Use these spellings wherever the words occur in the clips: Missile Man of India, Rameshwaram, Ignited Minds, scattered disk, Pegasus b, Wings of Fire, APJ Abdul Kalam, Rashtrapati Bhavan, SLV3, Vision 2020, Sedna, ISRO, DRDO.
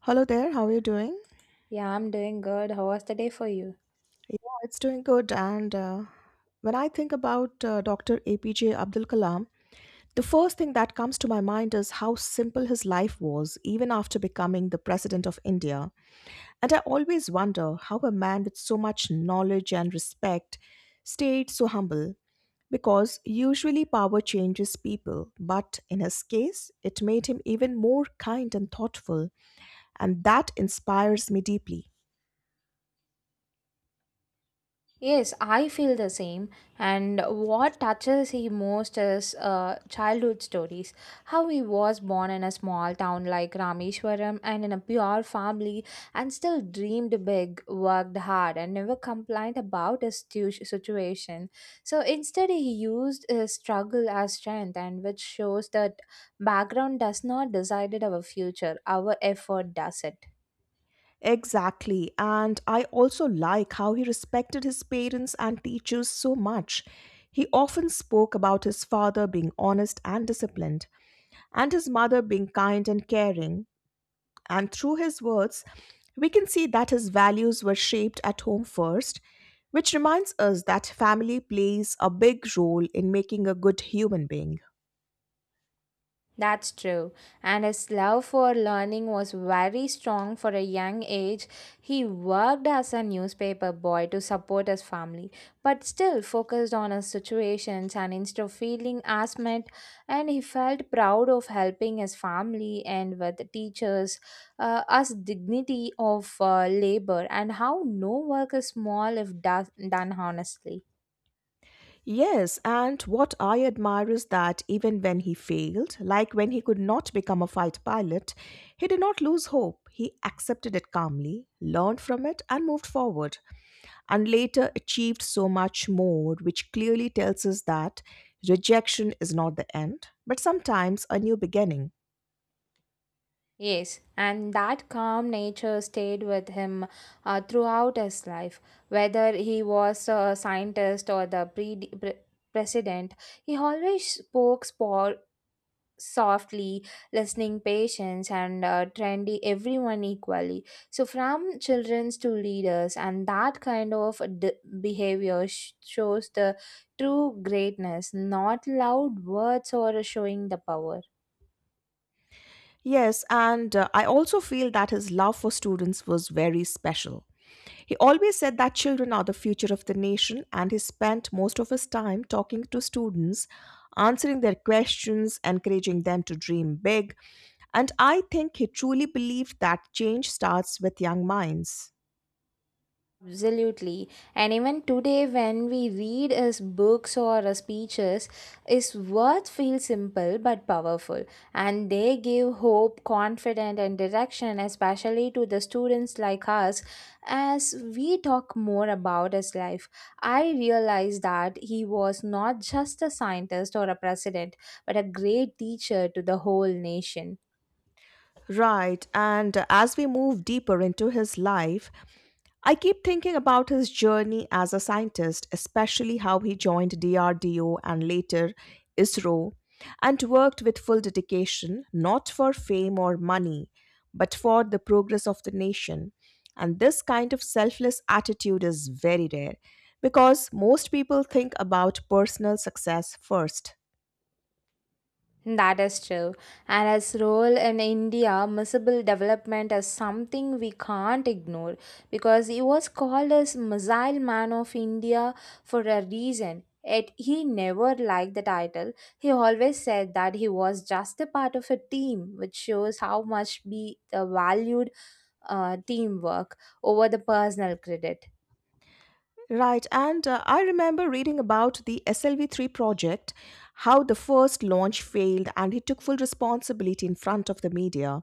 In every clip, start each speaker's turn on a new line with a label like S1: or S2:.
S1: Hello there, how are you doing?
S2: Yeah, I'm doing good. How was the day for you?
S1: Yeah, it's doing good. And when I think about Dr. APJ Abdul Kalam, the first thing that comes to my mind is how simple his life was, even after becoming the president of India. And I always wonder how a man with so much knowledge and respect stayed so humble, because usually power changes people, but in his case, it made him even more kind and thoughtful, and that inspires me deeply.
S2: Yes, I feel the same. And what touches me most is childhood stories. How he was born in a small town like Rameshwaram and in a pure family and still dreamed big, worked hard, and never complained about his situation. So instead, he used his struggle as strength, and which shows the background does not decide our future, our effort does it.
S1: Exactly. And I also like how he respected his parents and teachers so much. He often spoke about his father being honest and disciplined, and his mother being kind and caring. And through his words, we can see that his values were shaped at home first, which reminds us that family plays a big role in making a good human being.
S2: That's true. And his love for learning was very strong for a young age. He worked as a newspaper boy to support his family, but still focused on his situations and instead of feeling asthmatic, and he felt proud of helping his family and with the teachers as dignity of labor and how no work is small if does, done honestly.
S1: Yes, and what I admire is that even when he failed, like when he could not become a fighter pilot, he did not lose hope. He accepted it calmly, learned from it, and moved forward, and later achieved so much more, which clearly tells us that rejection is not the end, but sometimes a new beginning.
S2: Yes, and that calm nature stayed with him throughout his life. Whether he was a scientist or the president, he always spoke softly, listening patients and trendy everyone equally. So, from childrens to leaders, and that kind of behavior shows the true greatness, not loud words or showing the power.
S1: Yes, and I also feel that his love for students was very special. He always said that children are the future of the nation, and he spent most of his time talking to students, answering their questions, encouraging them to dream big. And I think he truly believed that change starts with young minds.
S2: Absolutely. And even today, when we read as books or as speeches, his words feel simple but powerful. And they give hope, confidence, and direction, especially to the students like us. As we talk more about his life, I realize that he was not just a scientist or a president, but a great teacher to the whole nation.
S1: Right, and as we move deeper into his life, I keep thinking about his journey as a scientist, especially how he joined DRDO and later ISRO and worked with full dedication, not for fame or money, but for the progress of the nation. And this kind of selfless attitude is very rare because most people think about personal success first.
S2: That is true. And his role in India, Miscible development is something we can't ignore because he was called as Missile Man of India for a reason. Yet he never liked the title. He always said that he was just a part of a team, which shows how much be the valued teamwork over the personal credit.
S1: Right, and I remember reading about the SLV3 project, how the first launch failed, and he took full responsibility in front of the media,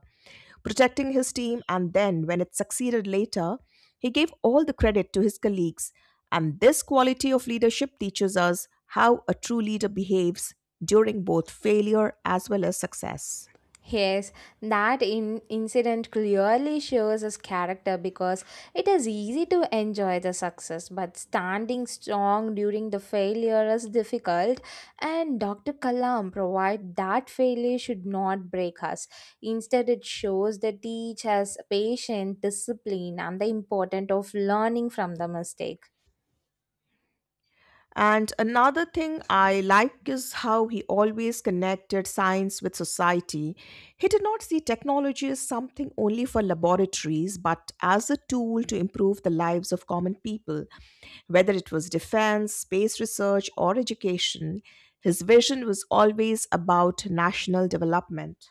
S1: protecting his team. And then, when it succeeded later, he gave all the credit to his colleagues. And this quality of leadership teaches us how a true leader behaves during both failure as well as success.
S2: Yes, that incident clearly shows his character because it is easy to enjoy the success, but standing strong during the failure is difficult. And Dr. Kalam provide that failure should not break us. Instead, it shows that each has patience, discipline, and the importance of learning from the mistake.
S1: And another thing I like is how he always connected science with society. He did not see technology as something only for laboratories, but as a tool to improve the lives of common people. Whether it was defense, space research, or education, his vision was always about national development.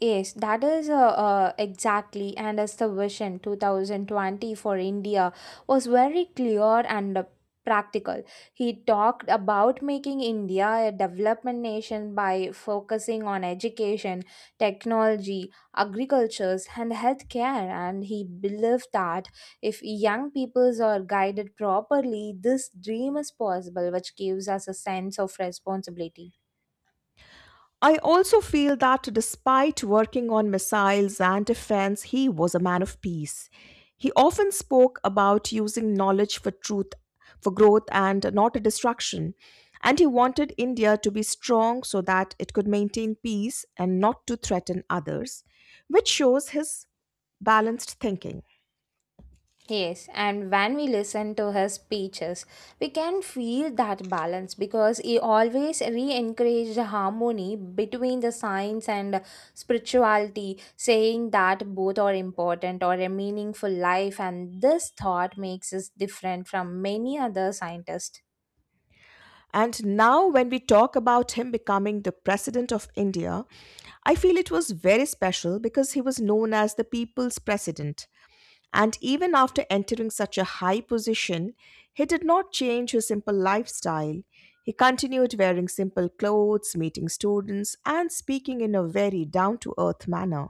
S2: Yes, that is exactly, and as the vision 2020 for India was very clear and practical. He talked about making India a development nation by focusing on education, technology, agriculture, and healthcare. And he believed that if young peoples are guided properly, this dream is possible, which gives us a sense of responsibility.
S1: I also feel that despite working on missiles and defense, he was a man of peace. He often spoke about using knowledge for truth, for growth, and not destruction. And he wanted India to be strong so that it could maintain peace and not to threaten others, which shows his balanced thinking.
S2: Yes, and when we listen to his speeches, we can feel that balance because he always re encouraged harmony between the science and spirituality, saying that both are important or a meaningful life, and this thought makes us different from many other scientists.
S1: And now, when we talk about him becoming the president of India, I feel it was very special because he was known as the people's president. And even after entering such a high position, he did not change his simple lifestyle. He continued wearing simple clothes, meeting students, and speaking in a very down to earth manner.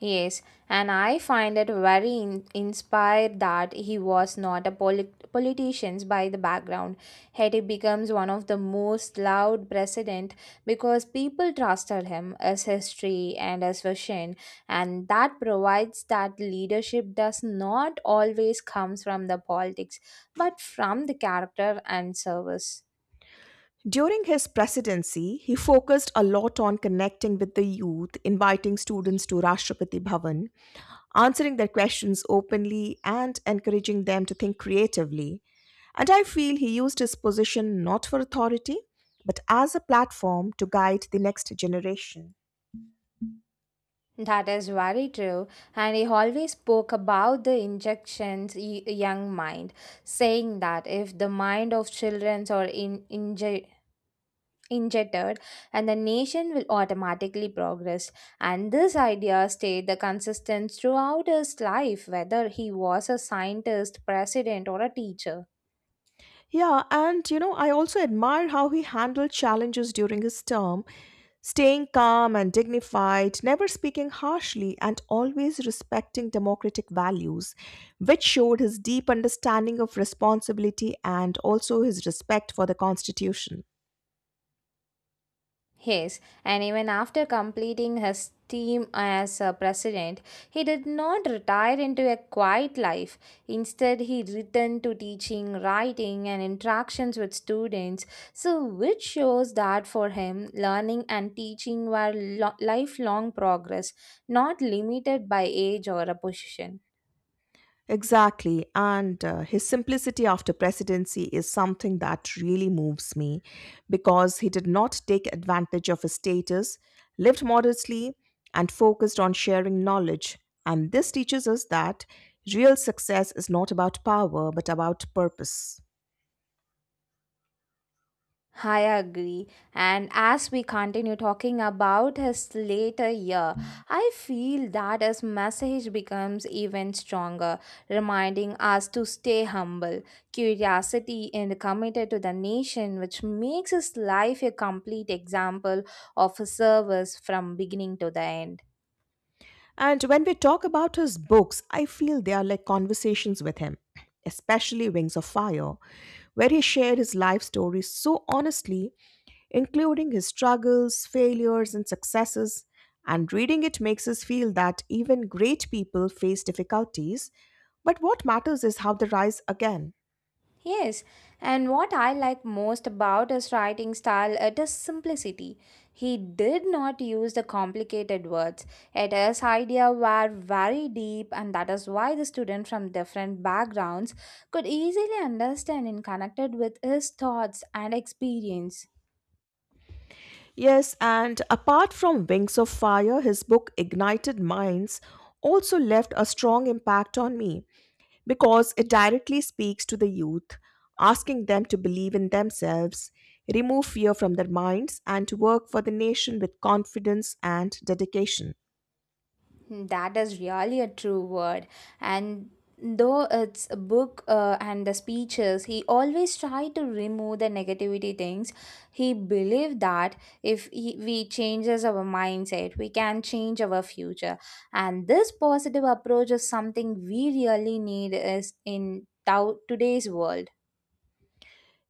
S2: Yes, and I find it very inspired that he was not a politician by the background. Yet he becomes one of the most loud president because people trusted him as history and as vision, and that provides that leadership does not always comes from the politics, but from the character and service.
S1: During his presidency, he focused a lot on connecting with the youth, inviting students to Rashtrapati Bhavan, answering their questions openly and encouraging them to think creatively. And I feel he used his position not for authority, but as a platform to guide the next generation.
S2: That is very true, and he always spoke about the injections young mind, saying that if the mind of children are injected, and the nation will automatically progress. And this idea stayed the consistent throughout his life, whether he was a scientist, president, or a teacher.
S1: Yeah, and you know, I also admire how he handled challenges during his term, staying calm and dignified, never speaking harshly, and always respecting democratic values, which showed his deep understanding of responsibility and also his respect for the Constitution.
S2: Yes, and even after completing his term as a president, he did not retire into a quiet life. Instead, he returned to teaching, writing, and interactions with students. So, which shows that for him, learning and teaching were lifelong progress, not limited by age or a position.
S1: Exactly. And his simplicity after presidency is something that really moves me because he did not take advantage of his status, lived modestly, and focused on sharing knowledge. And this teaches us that real success is not about power but about purpose.
S2: I agree. And as we continue talking about his later year, I feel that his message becomes even stronger, reminding us to stay humble, curiosity, and committed to the nation, which makes his life a complete example of a service from beginning to the end.
S1: And when we talk about his books, I feel they are like conversations with him, especially Wings of Fire, where he shared his life story so honestly, including his struggles, failures, and successes. And reading it makes us feel that even great people face difficulties, but what matters is how they rise again.
S2: Yes, and what I like most about his writing style it is simplicity. He did not use the complicated words. Yet his ideas were very deep, and that is why the students from different backgrounds could easily understand and connected with his thoughts and experience.
S1: Yes, and apart from Wings of Fire, his book Ignited Minds also left a strong impact on me because it directly speaks to the youth, asking them to believe in themselves, remove fear from their minds, and to work for the nation with confidence and dedication.
S2: That is really a true word. And though it's a book and the speeches, he always tried to remove the negativity things. He believed that if he, we changes our mindset, we can change our future. And this positive approach is something we really need is in today's world.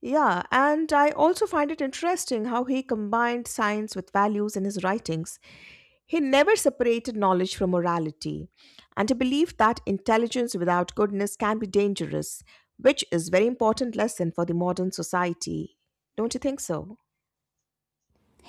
S1: Yeah, and I also find it interesting how he combined science with values in his writings. He never separated knowledge from morality, and he believed that intelligence without goodness can be dangerous, which is very important lesson for the modern society. Don't you think so?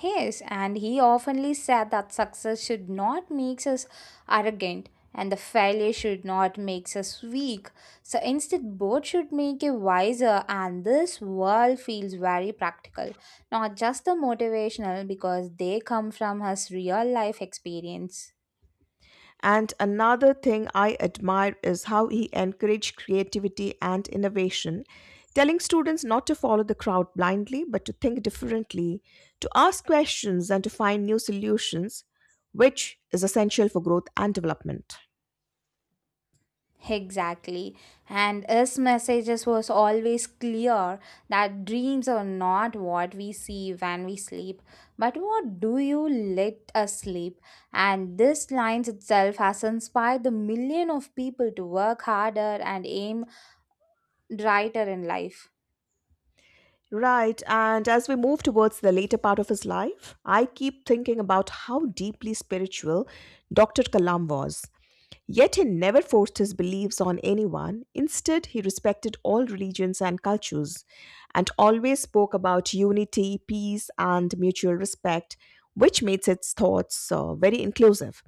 S2: Yes, and he oftenly said that success should not make us arrogant and the failure should not make us weak. So instead, both should make you wiser, and this world feels very practical not just the motivational because they come from his real life experience.
S1: And another thing I admire is how he encouraged creativity and innovation, telling students not to follow the crowd blindly, but to think differently, to ask questions, and to find new solutions, which is essential for growth and development.
S2: Exactly. And his messages was always clear that dreams are not what we see when we sleep, but what do you let us sleep? And this line itself has inspired the million of people to work harder and aim brighter in life.
S1: Right, and as we move towards the later part of his life, I keep thinking about how deeply spiritual Dr. Kalam was. Yet he never forced his beliefs on anyone. Instead, he respected all religions and cultures and always spoke about unity, peace, and mutual respect, which makes its thoughts very inclusive.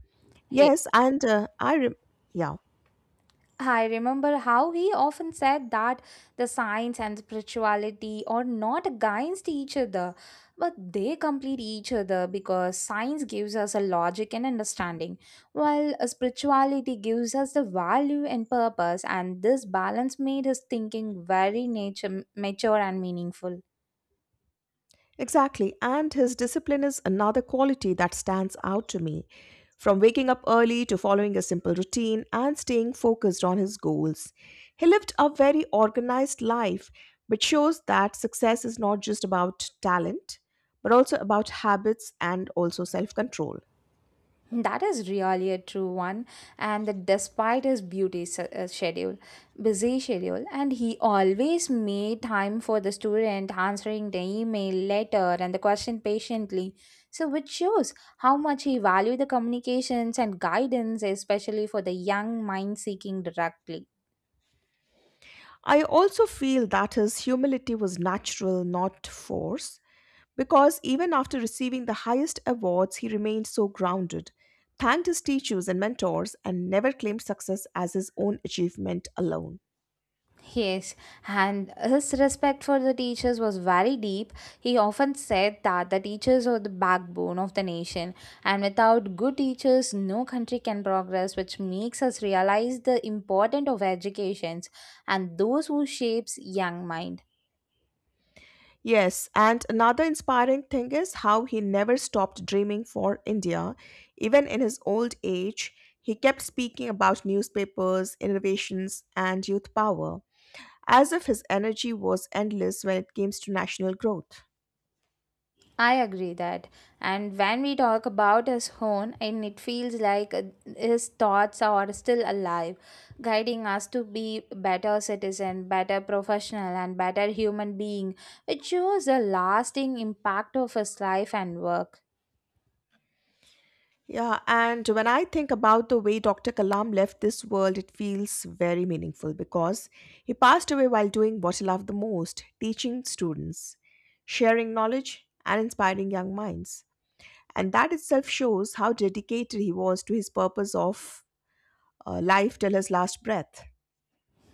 S1: Yes, and uh, I, re- yeah.
S2: I remember how he often said that the science and spirituality are not against each other, but they complete each other because science gives us a logic and understanding, while a spirituality gives us the value and purpose. And this balance made his thinking very nature mature and meaningful.
S1: Exactly. And his discipline is another quality that stands out to me. From waking up early to following a simple routine and staying focused on his goals, he lived a very organized life, which shows that success is not just about talent, but also about habits and also self control.
S2: That is really a true one, and that despite his schedule, busy schedule, and he always made time for the student, answering the email, letter, and the question patiently. So, which shows how much he valued the communications and guidance, especially for the young mind seeking directly.
S1: I also feel that his humility was natural, not forced, because even after receiving the highest awards, he remained so grounded, thanked his teachers and mentors, and never claimed success as his own achievement alone.
S2: Yes, and his respect for the teachers was very deep. He often said that the teachers are the backbone of the nation, and without good teachers, no country can progress, which makes us realize the importance of education and those who shapes young mind.
S1: Yes, and another inspiring thing is how he never stopped dreaming for India. Even in his old age, he kept speaking about newspapers, innovations, and youth power, as if his energy was endless when it came to national growth.
S2: I agree that. And when we talk about his horn, and it feels like his thoughts are still alive, guiding us to be better citizen, better professional, and better human being, which shows the lasting impact of his life and work.
S1: Yeah, and when I think about the way Dr. Kalam left this world, it feels very meaningful because he passed away while doing what he loved the most teaching students, sharing knowledge, and inspiring young minds. And that itself shows how dedicated he was to his purpose of life till his last breath.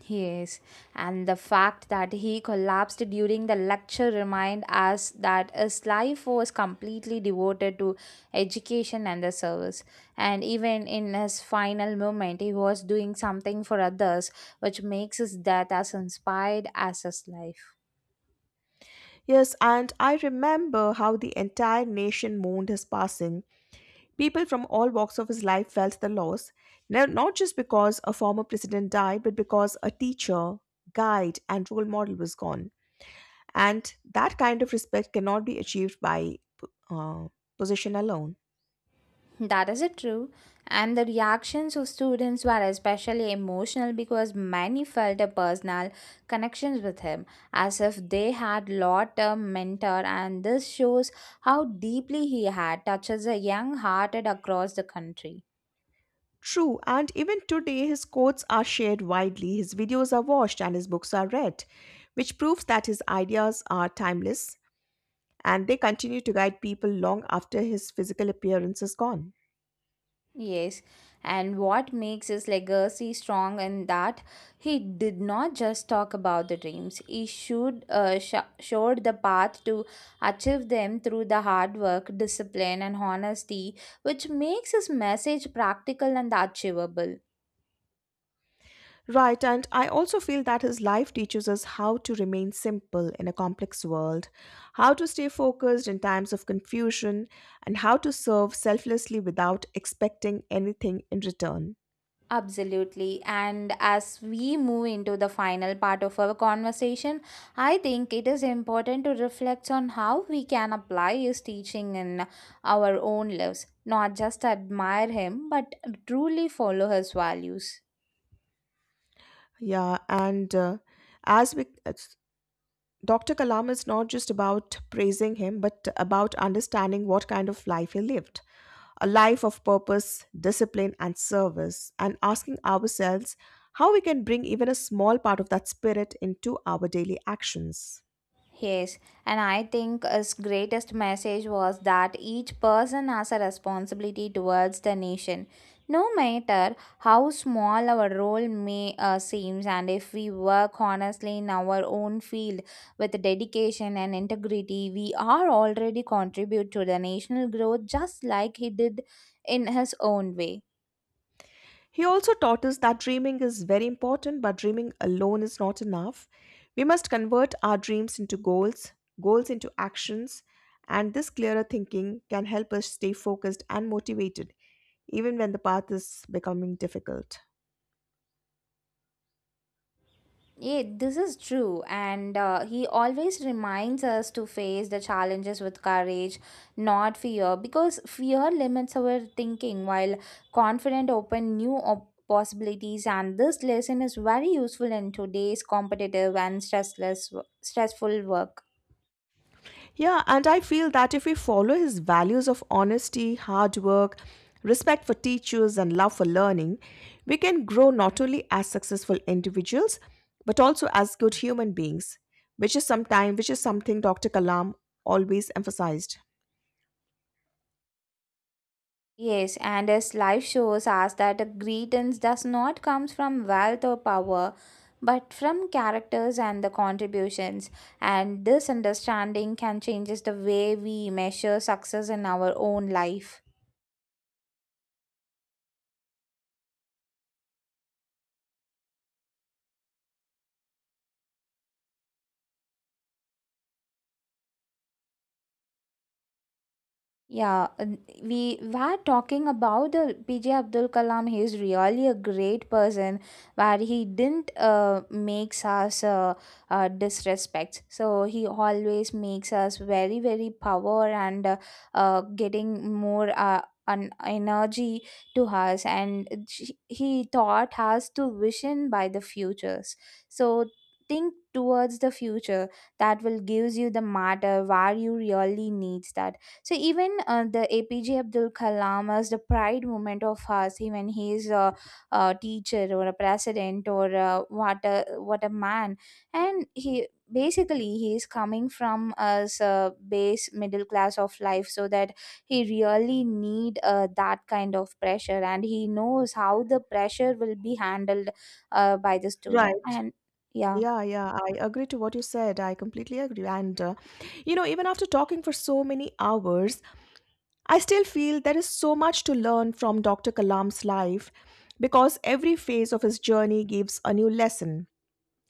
S2: Yes, and the fact that he collapsed during the lecture remind us that his life was completely devoted to education and the service. And even in his final moment, he was doing something for others, which makes his death as inspired as his life.
S1: Yes, and I remember how the entire nation mourned his passing. People from all walks of his life felt the loss, not just because a former president died, but because a teacher, guide, and role model was gone. And that kind of respect cannot be achieved by uh, position alone.
S2: That is it true. And the reactions of students were especially emotional because many felt a personal connections with him, as if they had lot a mentor, and this shows how deeply he had touches a young hearted across the country.
S1: True, and even today his quotes are shared widely, his videos are watched, and his books are read, which proves that his ideas are timeless and they continue to guide people long after his physical appearance is gone.
S2: Yes, and what makes his legacy strong and that he did not just talk about the dreams. He showed, showed the path to achieve them through the hard work, discipline, and honesty, which makes his message practical and achievable.
S1: Right, and I also feel that his life teaches us how to remain simple in a complex world, how to stay focused in times of confusion, and how to serve selflessly without expecting anything in return.
S2: Absolutely. And as we move into the final part of our conversation, I think it is important to reflect on how we can apply his teaching in our own lives, not just admire him, but truly follow his values.
S1: Yeah, and as we Dr. Kalam is not just about praising him, but about understanding what kind of life he lived a life of purpose, discipline, and service, and asking ourselves how we can bring even a small part of that spirit into our daily actions.
S2: Yes, and I think his greatest message was that each person has a responsibility towards the nation. No matter how small our role may seems, and if we work honestly in our own field with dedication and integrity, we are already contribute to the national growth just like he did in his own way.
S1: He also taught us that dreaming is very important, but dreaming alone is not enough. We must convert our dreams into goals, goals into actions, and this clearer thinking can help us stay focused and motivated, even when the path is becoming difficult.
S2: Yeah, this is true. And he always reminds us to face the challenges with courage, not fear, because fear limits our thinking while confident open new possibilities. And this lesson is very useful in today's competitive and stressful work.
S1: Yeah, and I feel that if we follow his values of honesty, hard work, respect for teachers, and love for learning, we can grow not only as successful individuals, but also as good human beings, which is sometime which is something Dr. Kalam always emphasized.
S2: Yes, and his life shows us that the greetings does not comes from wealth or power, but from characters and the contributions. And this understanding can changes the way we measure success in our own life. Yeah, and we were talking about the PJ Abdul Kalam. He is really a great person, where he didn't makes us disrespect. So he always makes us very power and getting more an energy to us, and he taught us to vision by the futures. So think towards the future that will gives you the matter where you really needs that so even the APJ Abdul Kalam as the pride moment of us, even he is a teacher or a president or what a man, and he is coming from as a base middle class of life, so that he really need that kind of pressure, and he knows how the pressure will be handled by the
S1: Right.
S2: student and. Yeah.
S1: Yeah, I agree to what you said. I completely agree. And you know, even after talking for so many hours, I still feel there is so much to learn from Dr. Kalam's life because every phase of his journey gives a new lesson.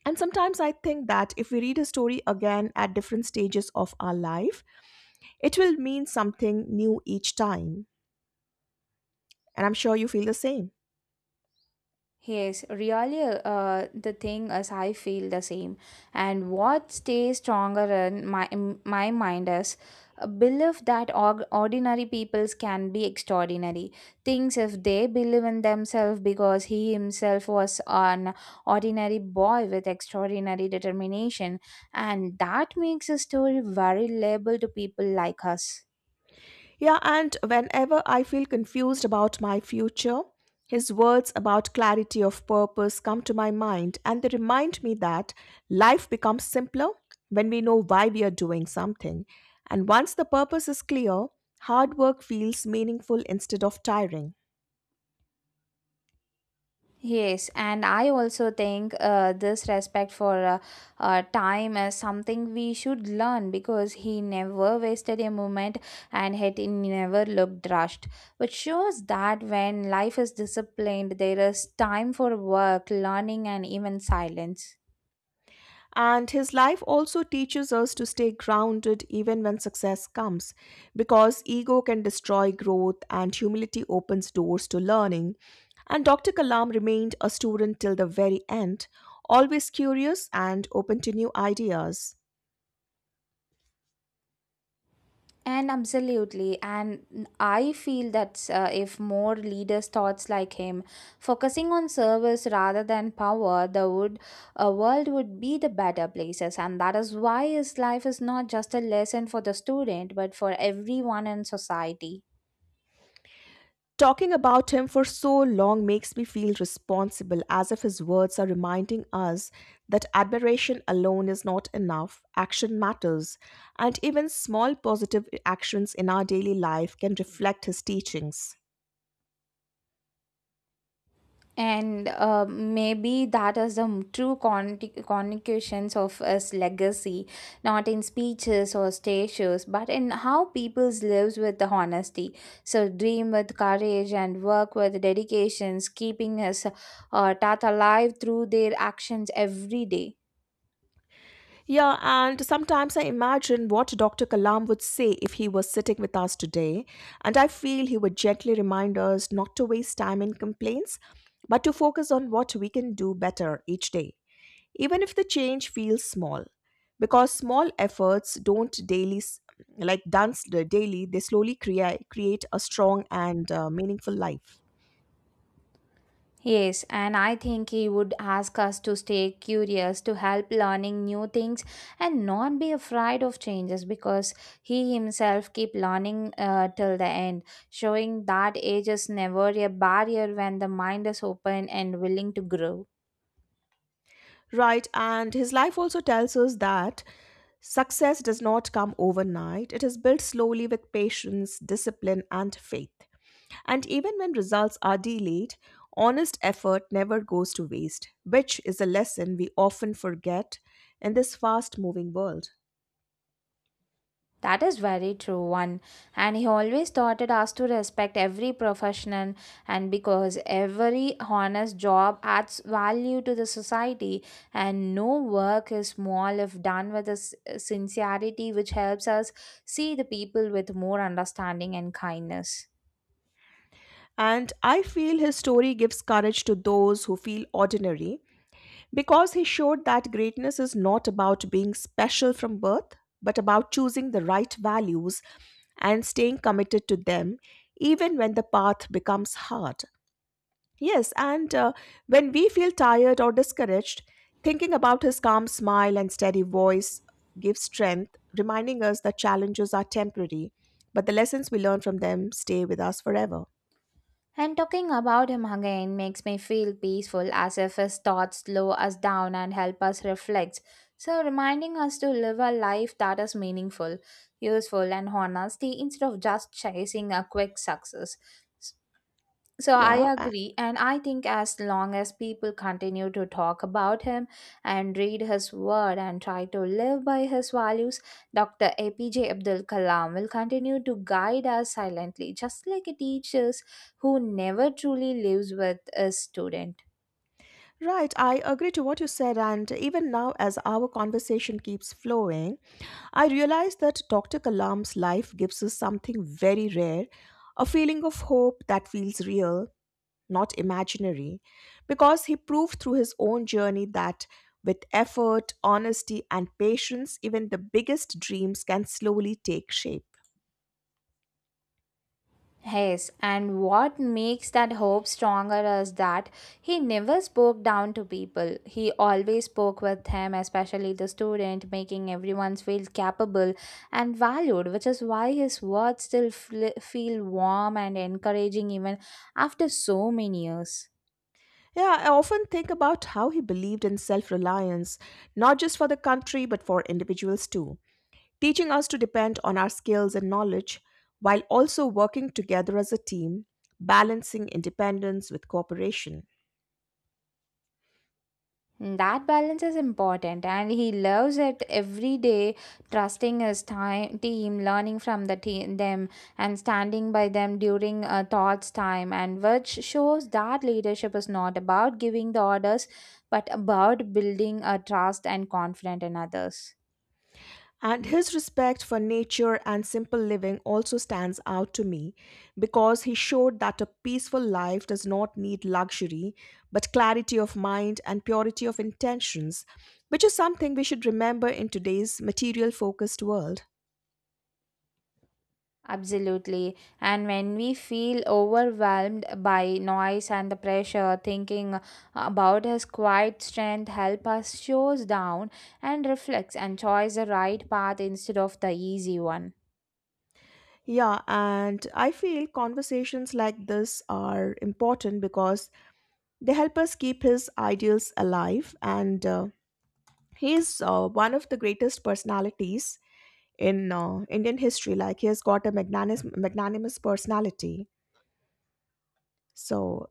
S1: And sometimes I think that if we read his story again at different stages of our life, it will mean something new each time, and I'm sure you feel the same.
S2: Yes, really, the thing is, I feel the same. And what stays stronger in my mind is a belief that ordinary peoples can be extraordinary. Things if they believe in themselves, because he himself was an ordinary boy with extraordinary determination, and that makes a story very reliable to people like us.
S1: Yeah, and whenever I feel confused about my future, his words about clarity of purpose come to my mind and they remind me that life becomes simpler when we know why we are doing something. And once the purpose is clear, hard work feels meaningful instead of tiring.
S2: Yes, and I also think this respect for time is something we should learn because he never wasted a moment and had never looked rushed, which shows that when life is disciplined, there is time for work, learning, and even silence.
S1: And his life also teaches us to stay grounded even when success comes, because ego can destroy growth and humility opens doors to learning. And Dr. Kalam remained a student till the very end, always curious and open to new ideas.
S2: And absolutely, and I feel that if more leaders thoughts like him, focusing on service rather than power, the would world would be the better places. And that is why his life is not just a lesson for the student, but for everyone in society.
S1: Talking about him for so long makes me feel responsible, as if his words are reminding us that admiration alone is not enough, action matters, and even small positive actions in our daily life can reflect his teachings.
S2: And maybe that is the true connotations of his legacy, not in speeches or statues, but in how people's lives with the honesty. So dream with courage and work with dedications, keeping his Tata alive through their actions every day.
S1: Yeah, and sometimes I imagine what Dr. Kalam would say if he was sitting with us today, and I feel he would gently remind us not to waste time in complaints, but to focus on what we can do better each day, even if the change feels small. Because small efforts don't daily, s- like done s- daily, they slowly create a strong and meaningful life.
S2: Yes, and I think he would ask us to stay curious, to help learning new things, and not be afraid of changes because he himself keep learning till the end, showing that age is never a barrier when the mind is open and willing to grow.
S1: Right, and his life also tells us that success does not come overnight. It is built slowly with patience, discipline, and faith. And even when results are delayed, honest effort never goes to waste, which is a lesson we often forget in this fast moving world.
S2: That is very true one. And he always taught us to respect every professional and because every honest job adds value to the society and no work is small if done with a sincerity which helps us see the people with more understanding and kindness.
S1: And I feel his story gives courage to those who feel ordinary, because he showed that greatness is not about being special from birth, but about choosing the right values and staying committed to them, even when the path becomes hard. Yes, and when we feel tired or discouraged, thinking about his calm smile and steady voice gives strength, reminding us that challenges are temporary, but the lessons we learn from them stay with us forever.
S2: And talking about him again makes me feel peaceful as if his thoughts slow us down and help us reflect. So, reminding us to live a life that is meaningful, useful, and honest instead of just chasing a quick success. So I
S1: Yeah.
S2: agree, and I think as long as people continue to talk about him and read his word and try to live by his values, Dr. APJ Abdul Kalam will continue to guide us silently, just like a teacher who never truly lives with a student.
S1: Right, I agree to what you said, and even now, as our conversation keeps flowing, I realize that Dr. Kalam's life gives us something very rare, a feeling of hope that feels real, not imaginary, because he proved through his own journey that with effort, honesty, and patience, even the biggest dreams can slowly take shape.
S2: Yes, and what makes that hope stronger is that he never spoke down to people. He always spoke with him, especially the student, making everyone feel capable and valued, which is why his words still feel warm and encouraging even after so many years.
S1: Yeah, I often think about how he believed in self reliance, not just for the country, but for individuals too, teaching us to depend on our skills and knowledge while also working together as a team, balancing independence with cooperation.
S2: Hmm, that balance is important, and he loves it every day, trusting his time, team, learning from the team them, and standing by them during thoughts time, and which shows that leadership is not about giving the orders, but about building a trust and confidence in others.
S1: And his respect for nature and simple living also stands out to me because he showed that a peaceful life does not need luxury, but clarity of mind and purity of intentions, which is something we should remember in today's material focused world.
S2: Absolutely. And when we feel overwhelmed by noise and the pressure, thinking about his quiet strength help us shows down and reflects and choose the right path instead of the easy one.
S1: Yeah, and I feel conversations like this are important because they help us keep his ideals alive. And he one of the greatest personalities in Indian history. Like he has got a magnanimous personality. So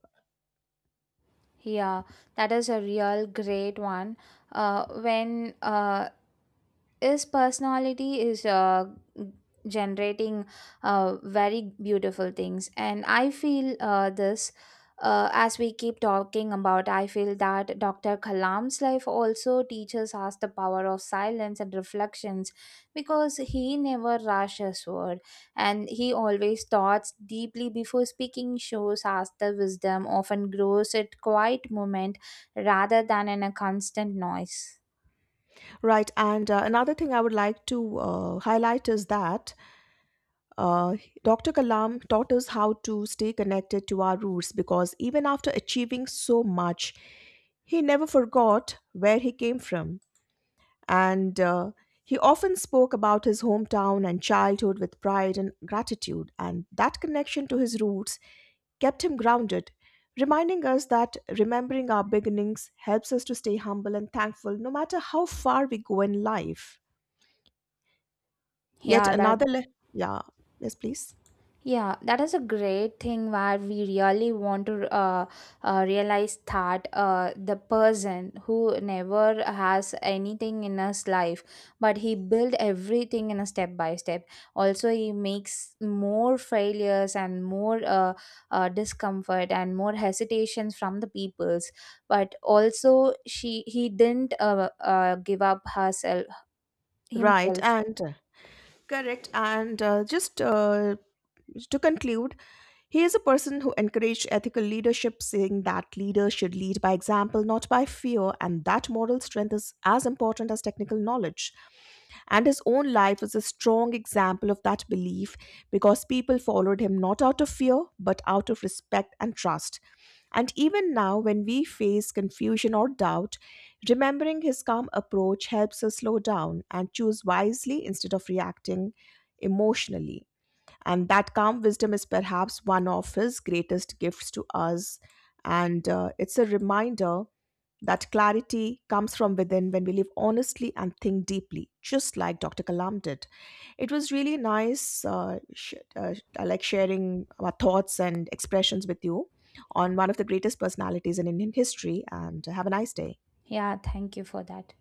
S2: Yeah, that is a real great one. When his personality is generating very beautiful things and I feel this as we keep talking about I feel that Dr. Kalam's life also teaches us the power of silence and reflections because he never rushed his word and he always thoughts deeply before speaking shows us the wisdom often grows at quiet moment rather than in a constant noise.
S1: right, and another thing I would like to highlight is that uh, Dr. Kalam taught us how to stay connected to our roots because even after achieving so much, he never forgot where he came from. And he often spoke about his hometown and childhood with pride and gratitude, and that connection to his roots kept him grounded, reminding us that remembering our beginnings helps us to stay humble and thankful no matter how far we go in life. Yet
S2: yeah that
S1: another, le- yeah, yes, please.
S2: Yeah, that is a great thing where we really want to realize that the person who never has anything in his life, but he built everything in a step by step. Also, he makes more failures and more discomfort and more hesitations from the peoples. But also, she he didn't give up herself
S1: Right,
S2: himself.
S1: and Correct. And just to conclude, he is a person who encouraged ethical leadership, saying that leaders should lead by example, not by fear, and that moral strength is as important as technical knowledge. And his own life is a strong example of that belief because people followed him not out of fear, but out of respect and trust. And even now, when we face confusion or doubt, remembering his calm approach helps us slow down and choose wisely instead of reacting emotionally. And that calm wisdom is perhaps one of his greatest gifts to us. And it's a reminder that clarity comes from within when we live honestly and think deeply, just like Dr. Kalam did. It was really nice, I like sharing our thoughts and expressions with you on one of the greatest personalities in Indian history. And have a nice day.
S2: Yeah, thank you for that.